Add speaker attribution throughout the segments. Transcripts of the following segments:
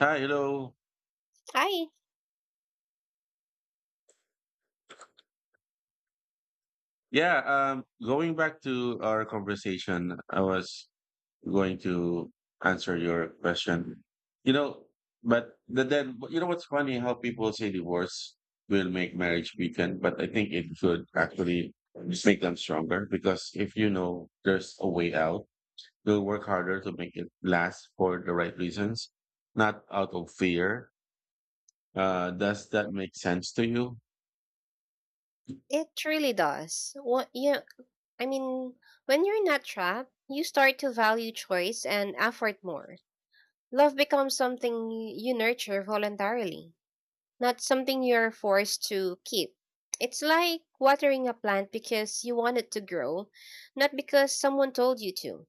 Speaker 1: Hi, hello.
Speaker 2: I
Speaker 1: Yeah, going back to our conversation, I was going to answer your question. You know, but then you know what's funny how people say divorce will make marriage weaken, but I think it should actually just make them stronger because if you know there's a way out, you'll work harder to make it last for the right reasons, not out of fear. Does that make sense to you?
Speaker 2: it really does. What you I mean, When you're not trapped, you start to value choice and effort more. Love becomes something you nurture voluntarily, not something you're forced to keep. It's like watering a plant because you want it to grow, not because someone told you to.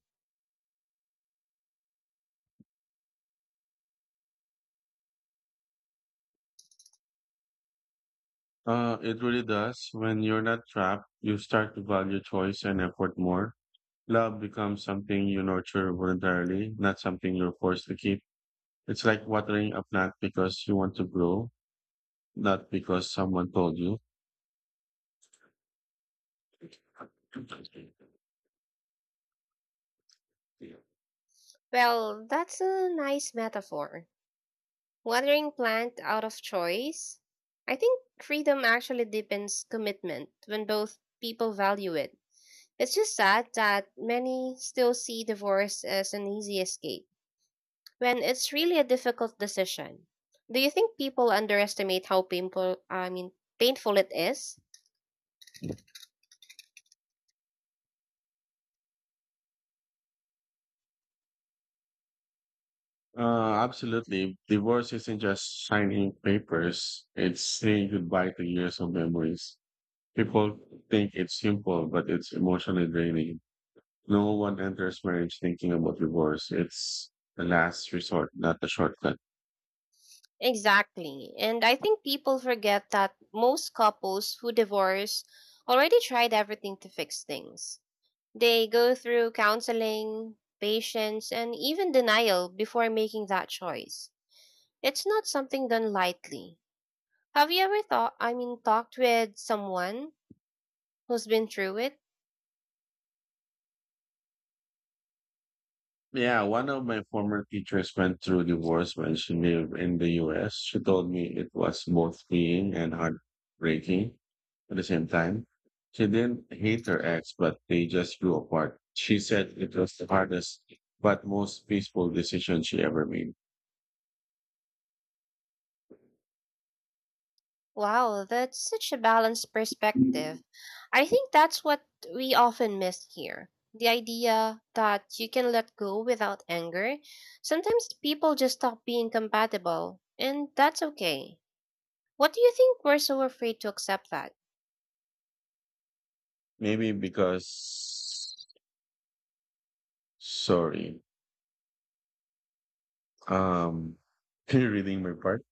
Speaker 1: It really does. When you're not trapped, you start to value choice and effort more. Love becomes something you nurture voluntarily, not something you're forced to keep. It's like watering a plant because you want to grow, not because someone told you.
Speaker 2: Well, that's a nice metaphor. Watering plant out of choice. I think freedom actually deepens commitment when both people value it. It's just sad that many still see divorce as an easy escape when it's really a difficult decision. Do you think people underestimate how painful I mean painful it is?
Speaker 1: Absolutely. Divorce isn't just signing papers, it's saying goodbye to years of memories. People think it's simple, but it's emotionally draining. No one enters marriage thinking about divorce. It's the last resort, not the shortcut.
Speaker 2: Exactly. And I think people forget that most couples who divorce already tried everything to fix things. They go through counseling, patience, and even denial before making that choice. It's not something done lightly. Have you ever talked with someone who's been through it?
Speaker 1: Yeah, one of my former teachers went through divorce when she lived in the US. She told me it was both freeing and heartbreaking at the same time. She didn't hate her ex, but they just grew apart. She said it was the hardest but most peaceful decision she ever made.
Speaker 2: Wow, that's such a balanced perspective. I think that's what we often miss here. The idea that you can let go without anger. Sometimes people just stop being compatible, and that's okay. What do you think we're so afraid to accept that?
Speaker 1: Maybe because, sorry, um, can you reading my part?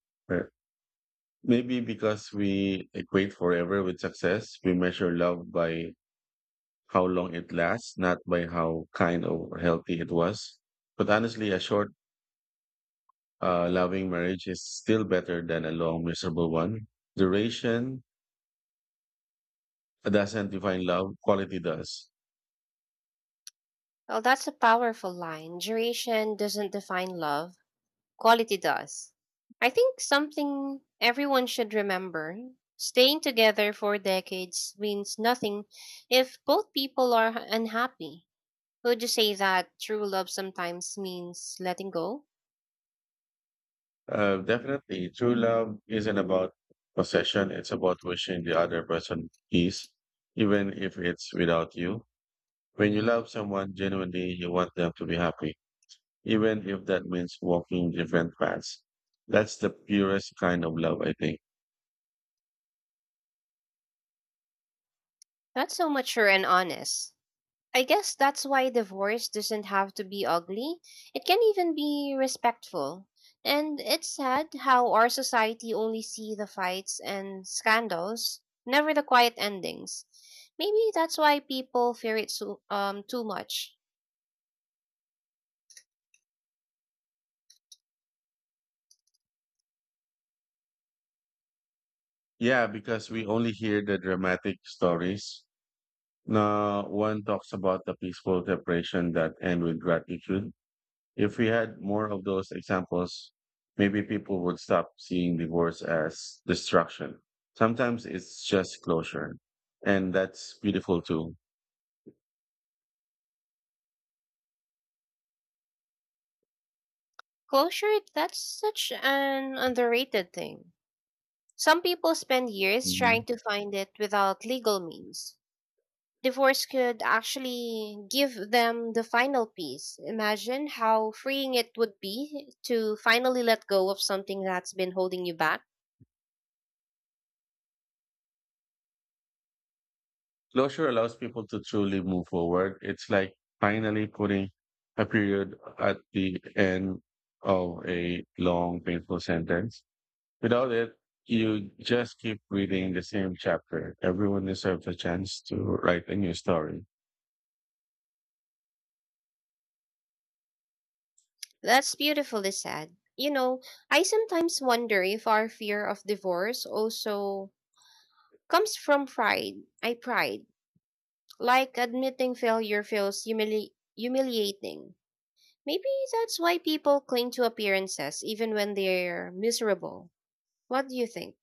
Speaker 1: Maybe because we equate forever with success, we measure love by how long it lasts, not by how kind or healthy it was. But honestly, a short, loving marriage is still better than a long, miserable one. Duration doesn't define love, quality does.
Speaker 2: Well, that's a powerful line. Duration doesn't define love, quality does. I think something everyone should remember staying together for decades means nothing if both people are unhappy. Would you say that true love sometimes means letting go?
Speaker 1: Definitely, true love isn't about possession, it's about wishing the other person peace, even if it's without you. When you love someone genuinely, you want them to be happy even if that means walking different paths. That's the purest kind of love, I think.
Speaker 2: That's so mature and honest. I guess that's why divorce doesn't have to be ugly. It can even be respectful. And it's sad how our society only see the fights and scandals, never the quiet endings. Maybe that's why people fear it so too much.
Speaker 1: Yeah, because we only hear the dramatic stories. No one talks about the peaceful separation that end with gratitude. If we had more of those examples, maybe people would stop seeing divorce as destruction. Sometimes it's just closure. And that's beautiful too.
Speaker 2: Closure, that's such an underrated thing. Some people spend years trying to find it without legal means. Divorce could actually give them the final piece. Imagine how freeing it would be to finally let go of something that's been holding you back.
Speaker 1: Closure allows people to truly move forward. It's like finally putting a period at the end of a long, painful sentence. Without it, you just keep reading the same chapter. Everyone deserves a chance to write a new story.
Speaker 2: That's beautifully said. You know, I sometimes wonder if our fear of divorce also comes from pride. I pride. Like admitting failure feels humiliating. Maybe that's why people cling to appearances even when they're miserable. What do you think?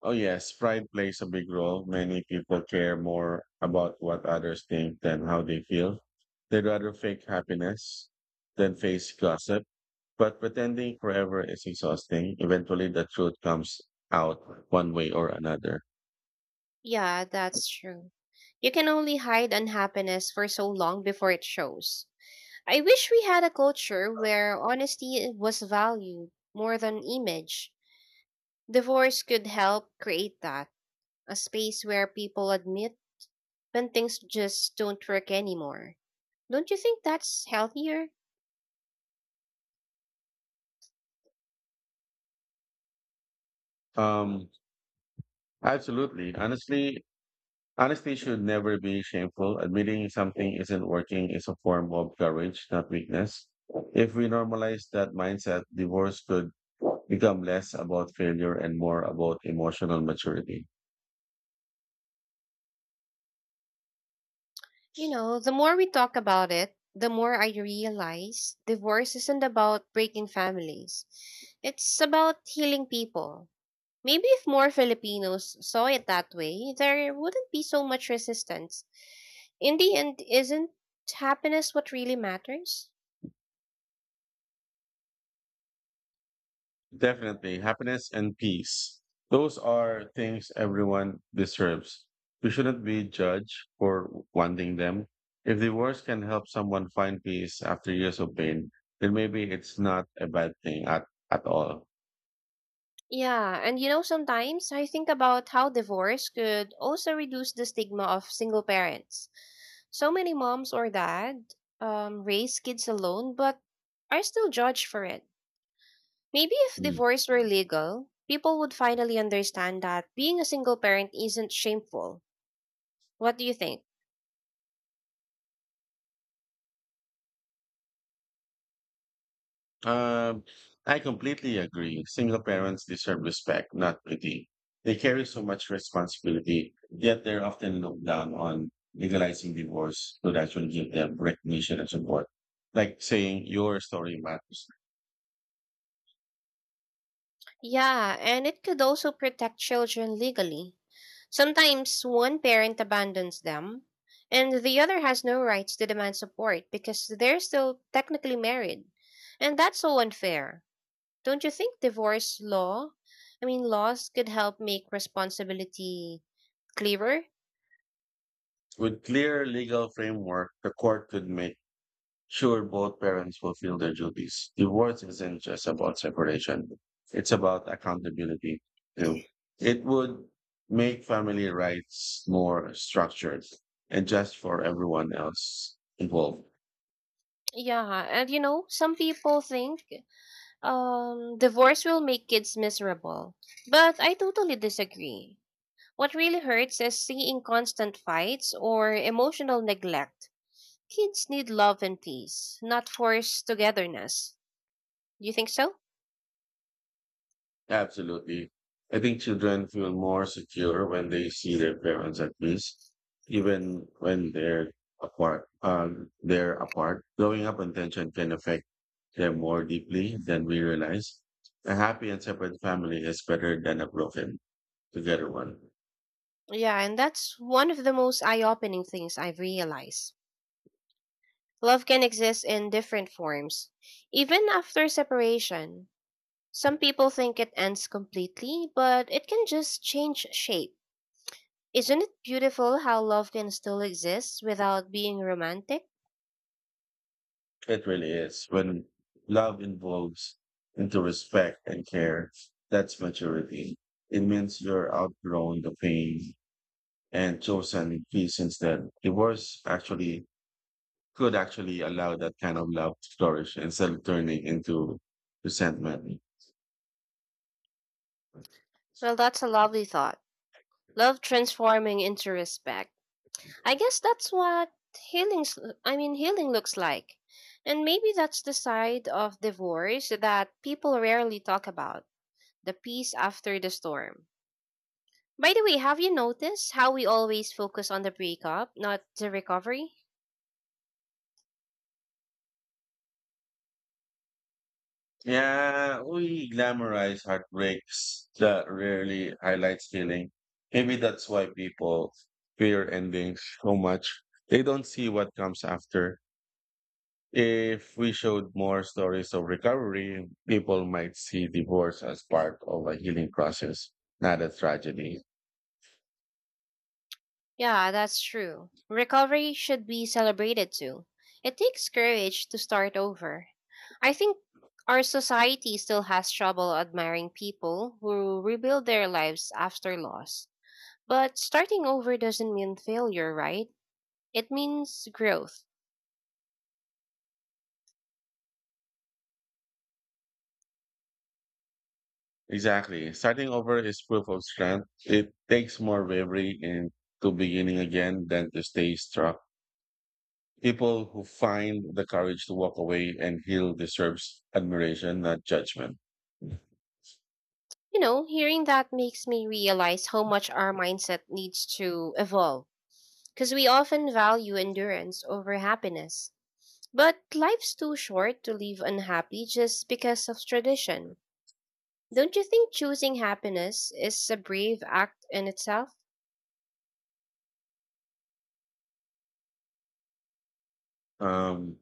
Speaker 1: Oh yes, pride plays a big role. Many people care more about what others think than how they feel. They'd rather fake happiness than face gossip. But pretending forever is exhausting. Eventually, the truth comes out one way or another.
Speaker 2: Yeah, that's true. You can only hide unhappiness for so long before it shows. I wish we had a culture where honesty was valued more than image. Divorce could help create that, a space where people admit when things just don't work anymore. Don't you think that's healthier?
Speaker 1: Um, Absolutely. Honesty should never be shameful. Admitting something isn't working is a form of courage, not weakness. If we normalize that mindset, divorce could become less about failure and more about emotional maturity.
Speaker 2: You know, the more we talk about it, the more I realize divorce isn't about breaking families. It's about healing people. Maybe if more Filipinos saw it that way, there wouldn't be so much resistance. In the end, isn't happiness what really matters?
Speaker 1: Definitely, happiness and peace. Those are things everyone deserves. We shouldn't be judged for wanting them. If divorce can help someone find peace after years of pain, then maybe it's not a bad thing at all.
Speaker 2: Yeah, and you know, sometimes I think about how divorce could also reduce the stigma of single parents. So many moms or dad raise kids alone, but are still judged for it. Maybe if divorce were legal, people would finally understand that being a single parent isn't shameful. What do you think?
Speaker 1: Um, I completely agree. Single parents deserve respect, not pity. They carry so much responsibility, yet they're often looked down on. Legalizing divorce would actually give them recognition and support. Like saying your story matters.
Speaker 2: Yeah, and it could also protect children legally. Sometimes one parent abandons them, and the other has no rights to demand support because they're still technically married. And that's so unfair. Don't you think divorce law, I mean, laws could help make responsibility clearer?
Speaker 1: With clear legal framework, the court could make sure, both parents fulfill their duties. Divorce isn't just about separation, it's about accountability too. It would make family rights more structured and just for everyone else involved.
Speaker 2: Yeah, and you know, some people think divorce will make kids miserable. But I totally disagree. What really hurts is seeing constant fights or emotional neglect. Kids need love and peace, not forced togetherness. Do you think so?
Speaker 1: Absolutely. I think children feel more secure when they see their parents at peace, even when they're apart. Growing up on tension can affect them more deeply than we realize. A happy and separate family is better than a broken together one.
Speaker 2: Yeah, and that's one of the most eye opening things I've realized. Love can exist in different forms. Even after separation, some people think it ends completely, but it can just change shape. Isn't it beautiful how love can still exist without being romantic?
Speaker 1: It really is. When love involves into respect and care, that's maturity. It means you're outgrowing the pain and chosen peace instead. Divorce actually could actually allow that kind of love to flourish instead of turning into resentment.
Speaker 2: Well, that's a lovely thought. Love transforming into respect. I guess that's what healing, s- I mean, healing looks like. And maybe that's the side of divorce that people rarely talk about, the peace after the storm. By the way, have you noticed how we always focus on the breakup, not the recovery?
Speaker 1: Yeah, we glamorize heartbreaks that rarely highlights healing. Maybe that's why people fear endings so much. They don't see what comes after. If we showed more stories of recovery, people might see divorce as part of a healing process, not a tragedy.
Speaker 2: Yeah, that's true. Recovery should be celebrated too. It takes courage to start over. I think our society still has trouble admiring people who rebuild their lives after loss. But starting over doesn't mean failure, right? It means growth.
Speaker 1: Exactly. Starting over is proof of strength. It takes more bravery in to beginning again than to stay stuck. People who find the courage to walk away and heal deserves admiration, not judgment.
Speaker 2: You know, hearing that makes me realize how much our mindset needs to evolve because we often value endurance over happiness. But life's too short to live unhappy just because of tradition. Don't you think choosing happiness is a brave act in itself?
Speaker 1: Um,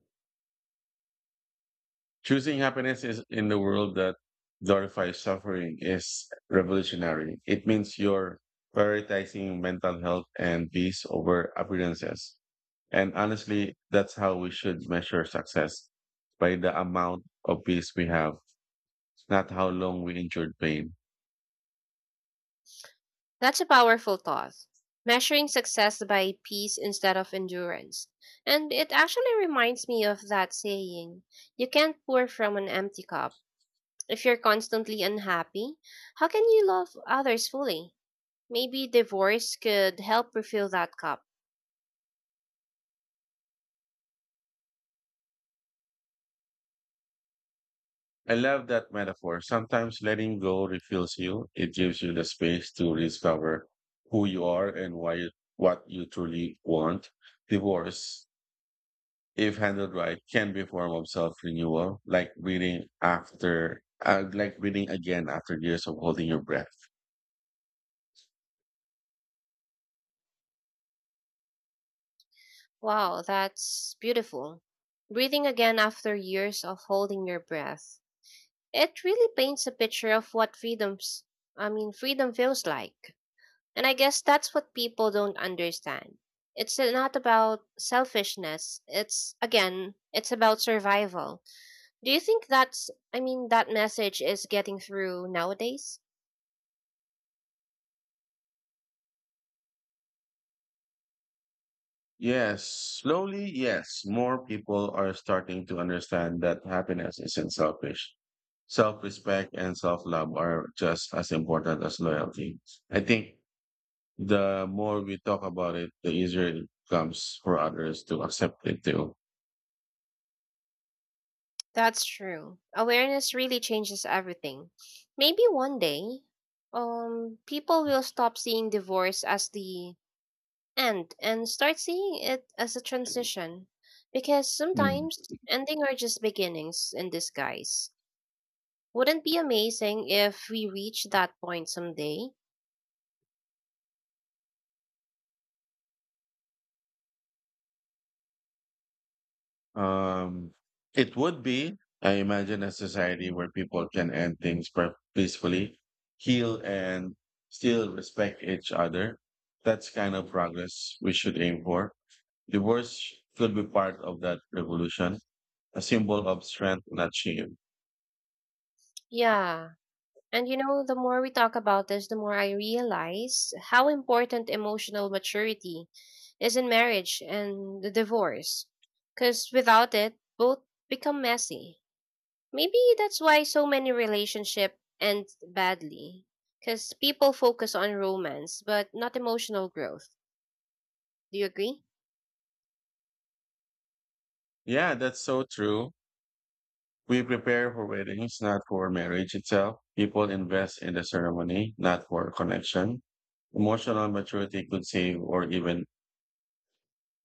Speaker 1: Choosing happiness is in the world that glorifies suffering is revolutionary. It means you're prioritizing mental health and peace over appearances. And honestly, that's how we should measure success by the amount of peace we have, not how long we endured pain.
Speaker 2: That's a powerful thought. Measuring success by peace instead of endurance. And it actually reminds me of that saying you can't pour from an empty cup. If you're constantly unhappy, how can you love others fully? Maybe divorce could help refill that cup.
Speaker 1: I love that metaphor. Sometimes letting go refills you. It gives you the space to discover who you are and what you truly want. Divorce if handled right, can be a form of self-renewal, like breathing again after years of holding your breath.
Speaker 2: Wow, that's beautiful. Breathing again after years of holding your breath. It really paints a picture of what freedom feels like. And I guess that's what people don't understand. It's not about selfishness. It's again, it's about survival. Do you think that's I mean that message is getting through nowadays?
Speaker 1: Yes, slowly, yes, more people are starting to understand that happiness isn't selfish. Self-respect and self-love are just as important as loyalty. I think the more we talk about it, the easier it becomes for others to accept it too.
Speaker 2: That's true. Awareness really changes everything. Maybe one day, people will stop seeing divorce as the end and start seeing it as a transition. Because
Speaker 1: Mm.
Speaker 2: sometimes ending are just beginnings in disguise. Wouldn't be amazing if we reach that point someday?
Speaker 1: Um, it would be, I imagine, a society where people can end things peacefully, heal, and still respect each other. That's kind of progress we should aim for. Divorce could be part of that revolution, a symbol of strength, not shame.
Speaker 2: Yeah. And you know, the more we talk about this, the more I realize how important emotional maturity is in marriage and the divorce. Because without it, both become messy. Maybe that's why so many relationships end badly. Because people focus on romance, but not emotional growth. Do you agree?
Speaker 1: Yeah, that's so true. We prepare for weddings, not for marriage itself. People invest in the ceremony, not for connection. Emotional maturity could save or even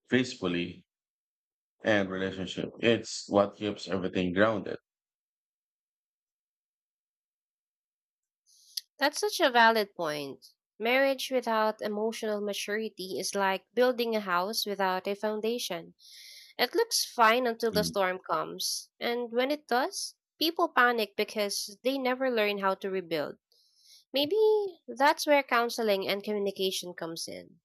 Speaker 1: gracefully and relationship. It's what keeps everything grounded.
Speaker 2: That's such a valid point. Marriage without emotional maturity is like building a house without a foundation. It looks fine until the storm comes, and when it does, people panic because they never learn how to rebuild. Maybe that's where counseling and communication comes in.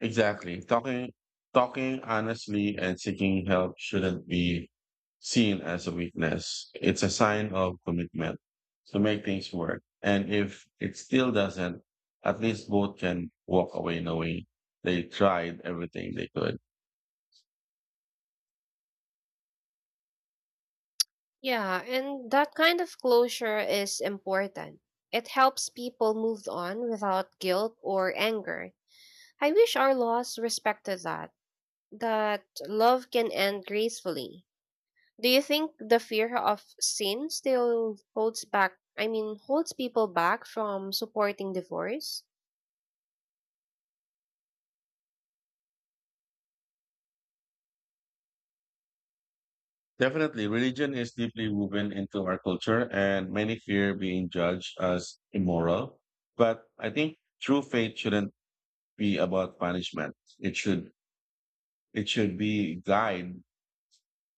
Speaker 1: Exactly. Talking honestly and seeking help shouldn't be seen as a weakness. It's a sign of commitment to make things work. And if it still doesn't, at least both can walk away knowing they tried everything they could.
Speaker 2: Yeah, and that kind of closure is important. It helps people move on without guilt or anger. I wish our laws respected that, that love can end gracefully. Do you think the fear of sin still holds people back from supporting divorce?
Speaker 1: Definitely, religion is deeply woven into our culture, and many fear being judged as immoral. But I think true faith shouldn't be about punishment. It should be guide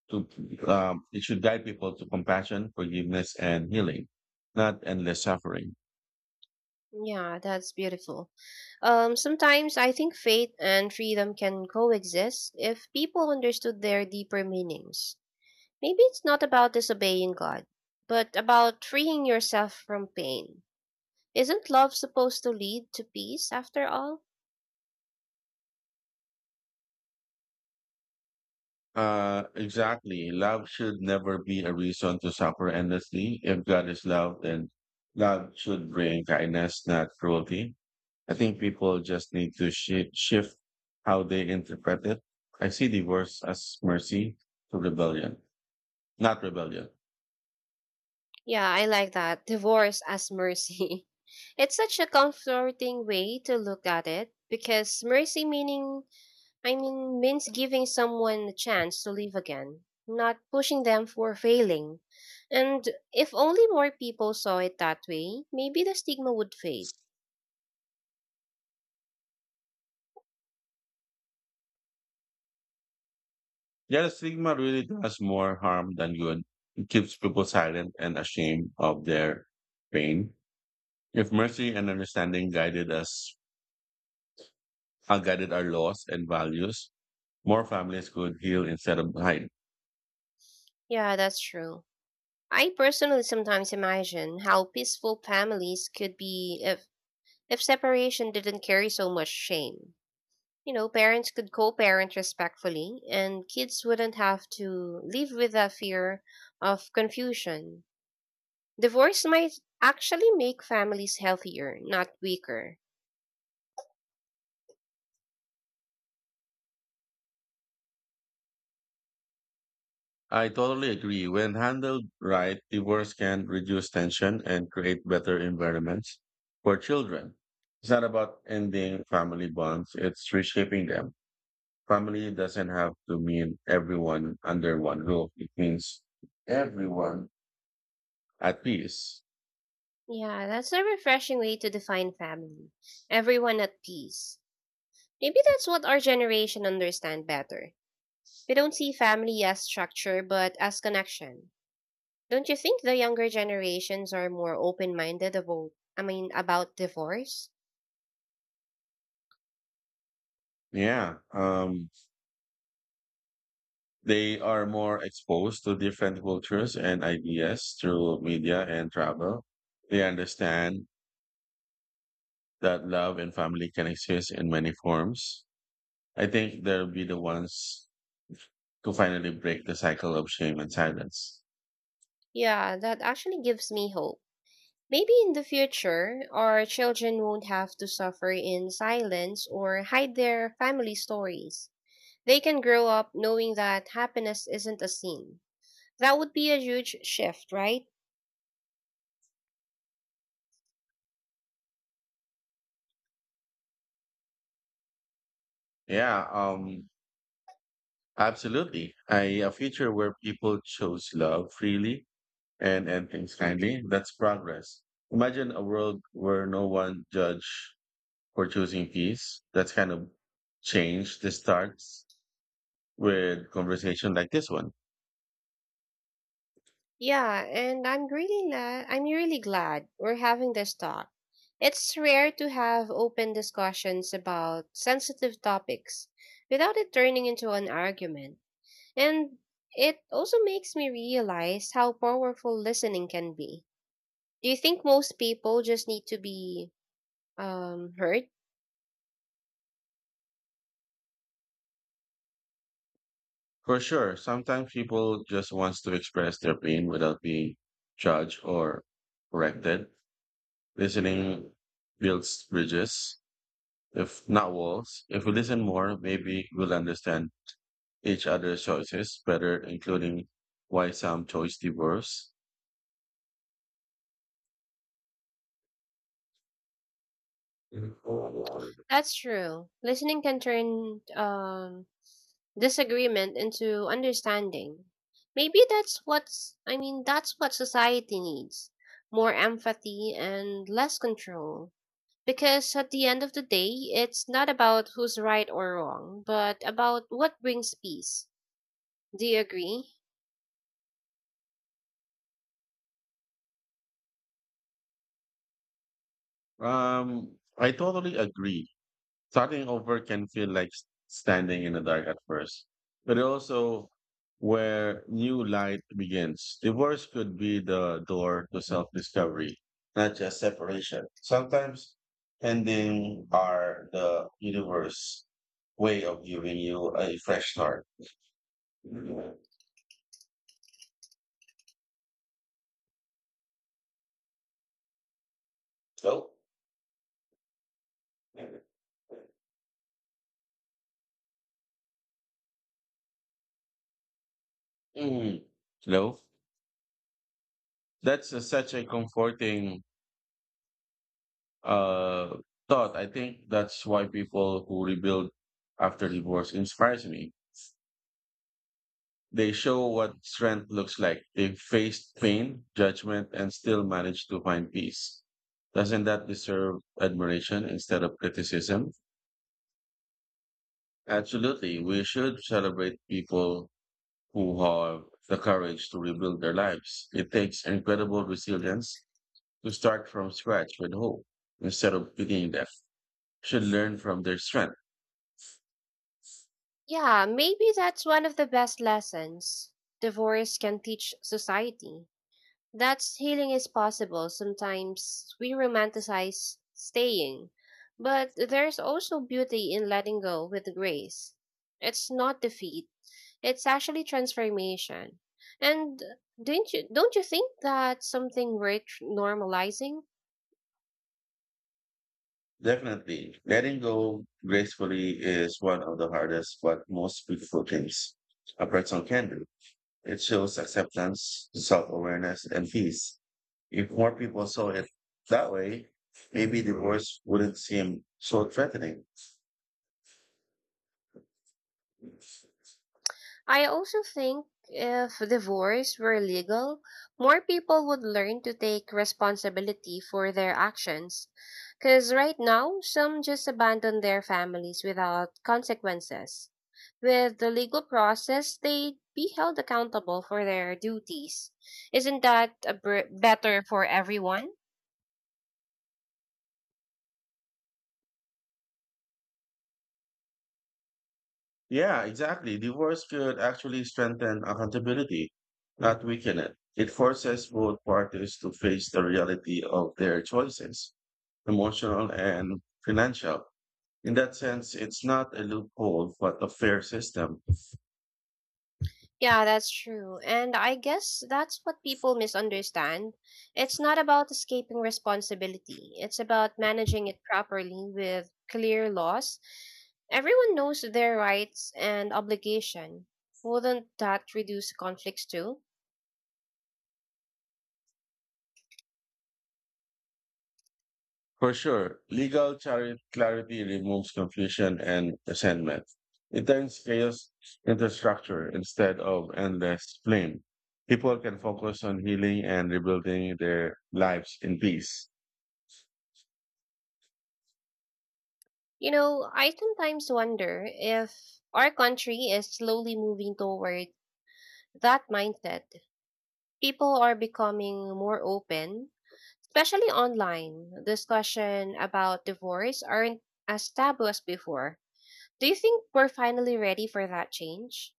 Speaker 1: to it should guide people to compassion, forgiveness, and healing, not endless suffering.
Speaker 2: Yeah, that's beautiful. Sometimes I think faith and freedom can coexist if people understood their deeper meanings. Maybe it's not about disobeying God, but about freeing yourself from pain. Isn't love supposed to lead to peace after all?
Speaker 1: Exactly. Love should never be a reason to suffer endlessly. If God is love, then love should bring kindness, not cruelty. I think people just need to shift how they interpret it. I see divorce as mercy to rebellion, not rebellion.
Speaker 2: Yeah, I like that. Divorce as mercy. It's such a comforting way to look at it because mercy meaning I mean means giving someone a chance to live again, not pushing them for failing. And if only more people saw it that way, maybe the stigma would fade.
Speaker 1: Yeah, the stigma really does more harm than good. It keeps people silent and ashamed of their pain. If mercy and understanding guided us, guided our laws and values, more families could heal instead of hide.
Speaker 2: Yeah, that's true. I personally sometimes imagine how peaceful families could be if separation didn't carry so much shame. You know, parents could co parent respectfully, and kids wouldn't have to live with the fear of confusion. Divorce might actually make families healthier, not weaker.
Speaker 1: I totally agree. When handled right, divorce can reduce tension and create better environments for children. It's not about ending family bonds, it's reshaping them. Family doesn't have to mean everyone under one roof. It means everyone at peace.
Speaker 2: Yeah, that's a refreshing way to define family. Everyone at peace. Maybe that's what our generation understand better. We don't see family as structure, but as connection. Don't you think the younger generations are more open-minded about divorce?
Speaker 1: Yeah. They are more exposed to different cultures and ideas through media and travel. They understand that love and family can exist in many forms. I think they'll be the ones to finally break the cycle of shame and silence.
Speaker 2: Yeah, that actually gives me hope. Maybe in the future, our children won't have to suffer in silence or hide their family stories. They can grow up knowing that happiness isn't a sin. That would be a huge shift, right?
Speaker 1: Yeah, absolutely. A future where people chose love freely and end things kindly, that's progress. Imagine a world where no one judge for choosing peace. That's kind of change the starts with conversation like this one.
Speaker 2: Yeah, and I'm really glad. I'm really glad we're having this talk. It's rare to have open discussions about sensitive topics without it turning into an argument. And it also makes me realize how powerful listening can be. Do you think most people just need to be heard?
Speaker 1: For sure, sometimes people just wants to express their pain without being judged or corrected. Listening builds bridges, if not walls. If we listen more, maybe we'll understand each other's choices better, including why some choice divorce.
Speaker 2: That's true. Listening can turn disagreement into understanding. Maybe that's what society needs. More empathy and less control. Because at the end of the day, it's not about who's right or wrong, but about what brings peace. Do you agree?
Speaker 1: I totally agree. Starting over can feel like standing in the dark at first, but also where new light begins. Divorce could be the door to self discovery, not just separation. Sometimes ending are the universe way of giving you a fresh start. So, mm, you that's such a comforting uh, thought. I think that's why people who rebuild after divorce inspires me. They show what strength looks like. They faced pain, judgment, and still managed to find peace. Doesn't that deserve admiration instead of criticism? Absolutely. We should celebrate people who have the courage to rebuild their lives. It takes incredible resilience to start from scratch with hope instead of pitying them. Should learn from their strength.
Speaker 2: Yeah, maybe that's one of the best lessons divorce can teach society, that healing is possible. Sometimes we romanticize staying, but there's also beauty in letting go with grace. It's not defeat, it's actually transformation. And don't you think that's something worth normalizing?
Speaker 1: Definitely. Letting go gracefully is one of the hardest but most beautiful things a person can do. It shows acceptance, self awareness, and peace. If more people saw it that way, maybe divorce wouldn't seem so threatening.
Speaker 2: I also think if divorce were legal, more people would learn to take responsibility for their actions. Because right now, some just abandon their families without consequences. With the legal process, they'd be held accountable for their duties. Isn't that a better for everyone?
Speaker 1: Yeah, exactly. Divorce could actually strengthen accountability, not weaken it. It forces both parties to face the reality of their choices, emotional and financial. In that sense, it's not a loophole, but a fair system.
Speaker 2: Yeah, that's true. And I guess that's what people misunderstand. It's not about escaping responsibility, it's about managing it properly with clear laws. Everyone knows their rights and obligation. Wouldn't that reduce conflicts too?
Speaker 1: For sure, legal clarity removes confusion and resentment. It turns chaos into structure instead of endless blame. People can focus on healing and rebuilding their lives in peace.
Speaker 2: You know, I sometimes wonder if our country is slowly moving toward that mindset. People are becoming more open. Especially online, discussion about divorce aren't as taboo as before. Do you think we're finally ready for that change?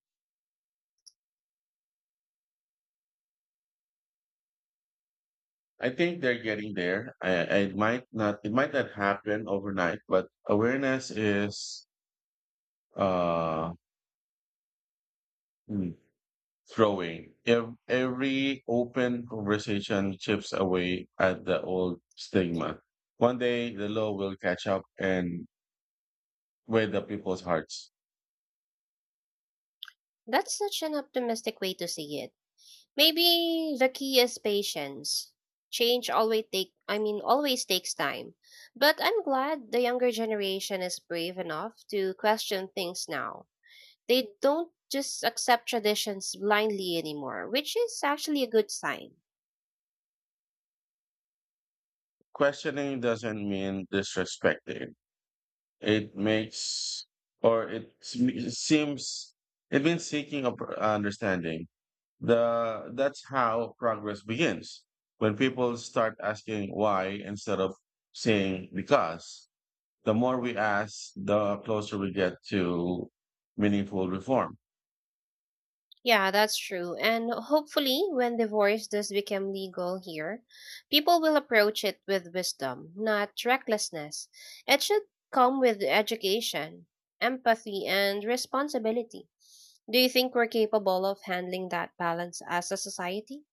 Speaker 1: I think they're getting there. I it might not happen overnight, but awareness is, uh, hmm, throwing every open conversation chips away at the old stigma. One day the law will catch up and with the people's hearts.
Speaker 2: That's such an optimistic way to see it. Maybe the key is patience. Change always takes time. But I'm glad the younger generation is brave enough to question things now. They don't just accept traditions blindly anymore, which is actually a good sign.
Speaker 1: Questioning doesn't mean disrespecting. It makes or seems it means seeking a understanding. The that's how progress begins. When people start asking why instead of saying because the more we ask, the closer we get to meaningful reform.
Speaker 2: Yeah, that's true. And hopefully, when divorce does become legal here, people will approach it with wisdom, not recklessness. It should come with education, empathy, and responsibility. Do you think we're capable of handling that balance as a society?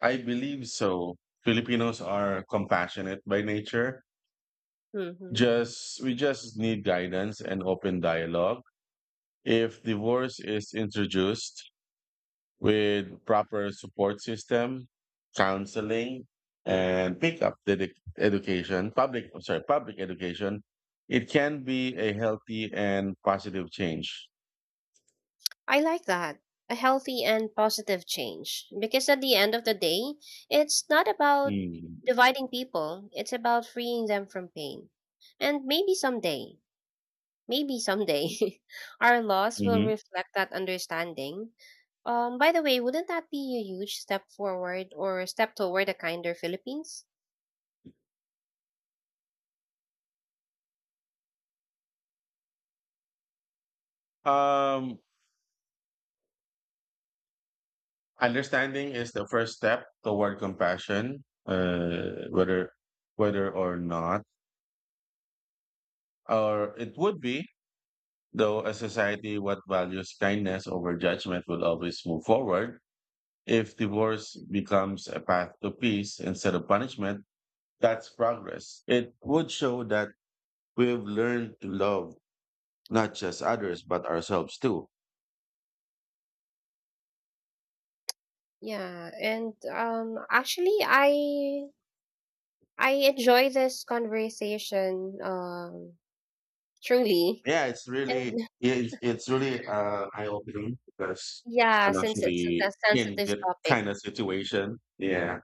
Speaker 1: I believe so. Filipinos are compassionate by nature.
Speaker 2: Hmm.
Speaker 1: Just we just need guidance and open dialogue. If divorce is introduced with proper support system, counseling, and pick up the education, public I'm sorry, public education, it can be a healthy and positive change.
Speaker 2: I like that. A healthy and positive change. Because at the end of the day, it's not about
Speaker 1: Mm-hmm.
Speaker 2: dividing people, it's about freeing them from pain. And maybe someday. Maybe someday our laws will reflect that understanding. By the way, wouldn't that be a huge step forward or a step toward a kinder Philippines?
Speaker 1: Um, Understanding is the first step toward compassion, whether or not, or it would be, though a society what values kindness over judgment will always move forward. If divorce becomes a path to peace instead of punishment, that's progress. It would show that we've learned to love not just others but ourselves too.
Speaker 2: Yeah, and actually, I enjoy this conversation truly,
Speaker 1: Yeah, it's really
Speaker 2: and
Speaker 1: yeah, it's really eye opening because
Speaker 2: yeah,
Speaker 1: I'm
Speaker 2: since it's
Speaker 1: actually
Speaker 2: a
Speaker 1: in
Speaker 2: sensitive
Speaker 1: that
Speaker 2: topic.
Speaker 1: kind of situation. Yeah,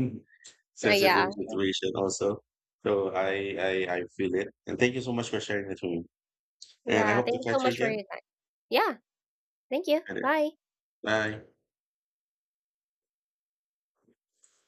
Speaker 1: sensitive
Speaker 2: Yeah,
Speaker 1: situation also. So I feel it. And thank you so much for sharing it with me. And I
Speaker 2: yeah.
Speaker 1: hope to
Speaker 2: Thank you so
Speaker 1: catch you
Speaker 2: much for
Speaker 1: again.
Speaker 2: your time. Yeah, thank you.
Speaker 1: Later.
Speaker 2: Bye.
Speaker 1: Bye.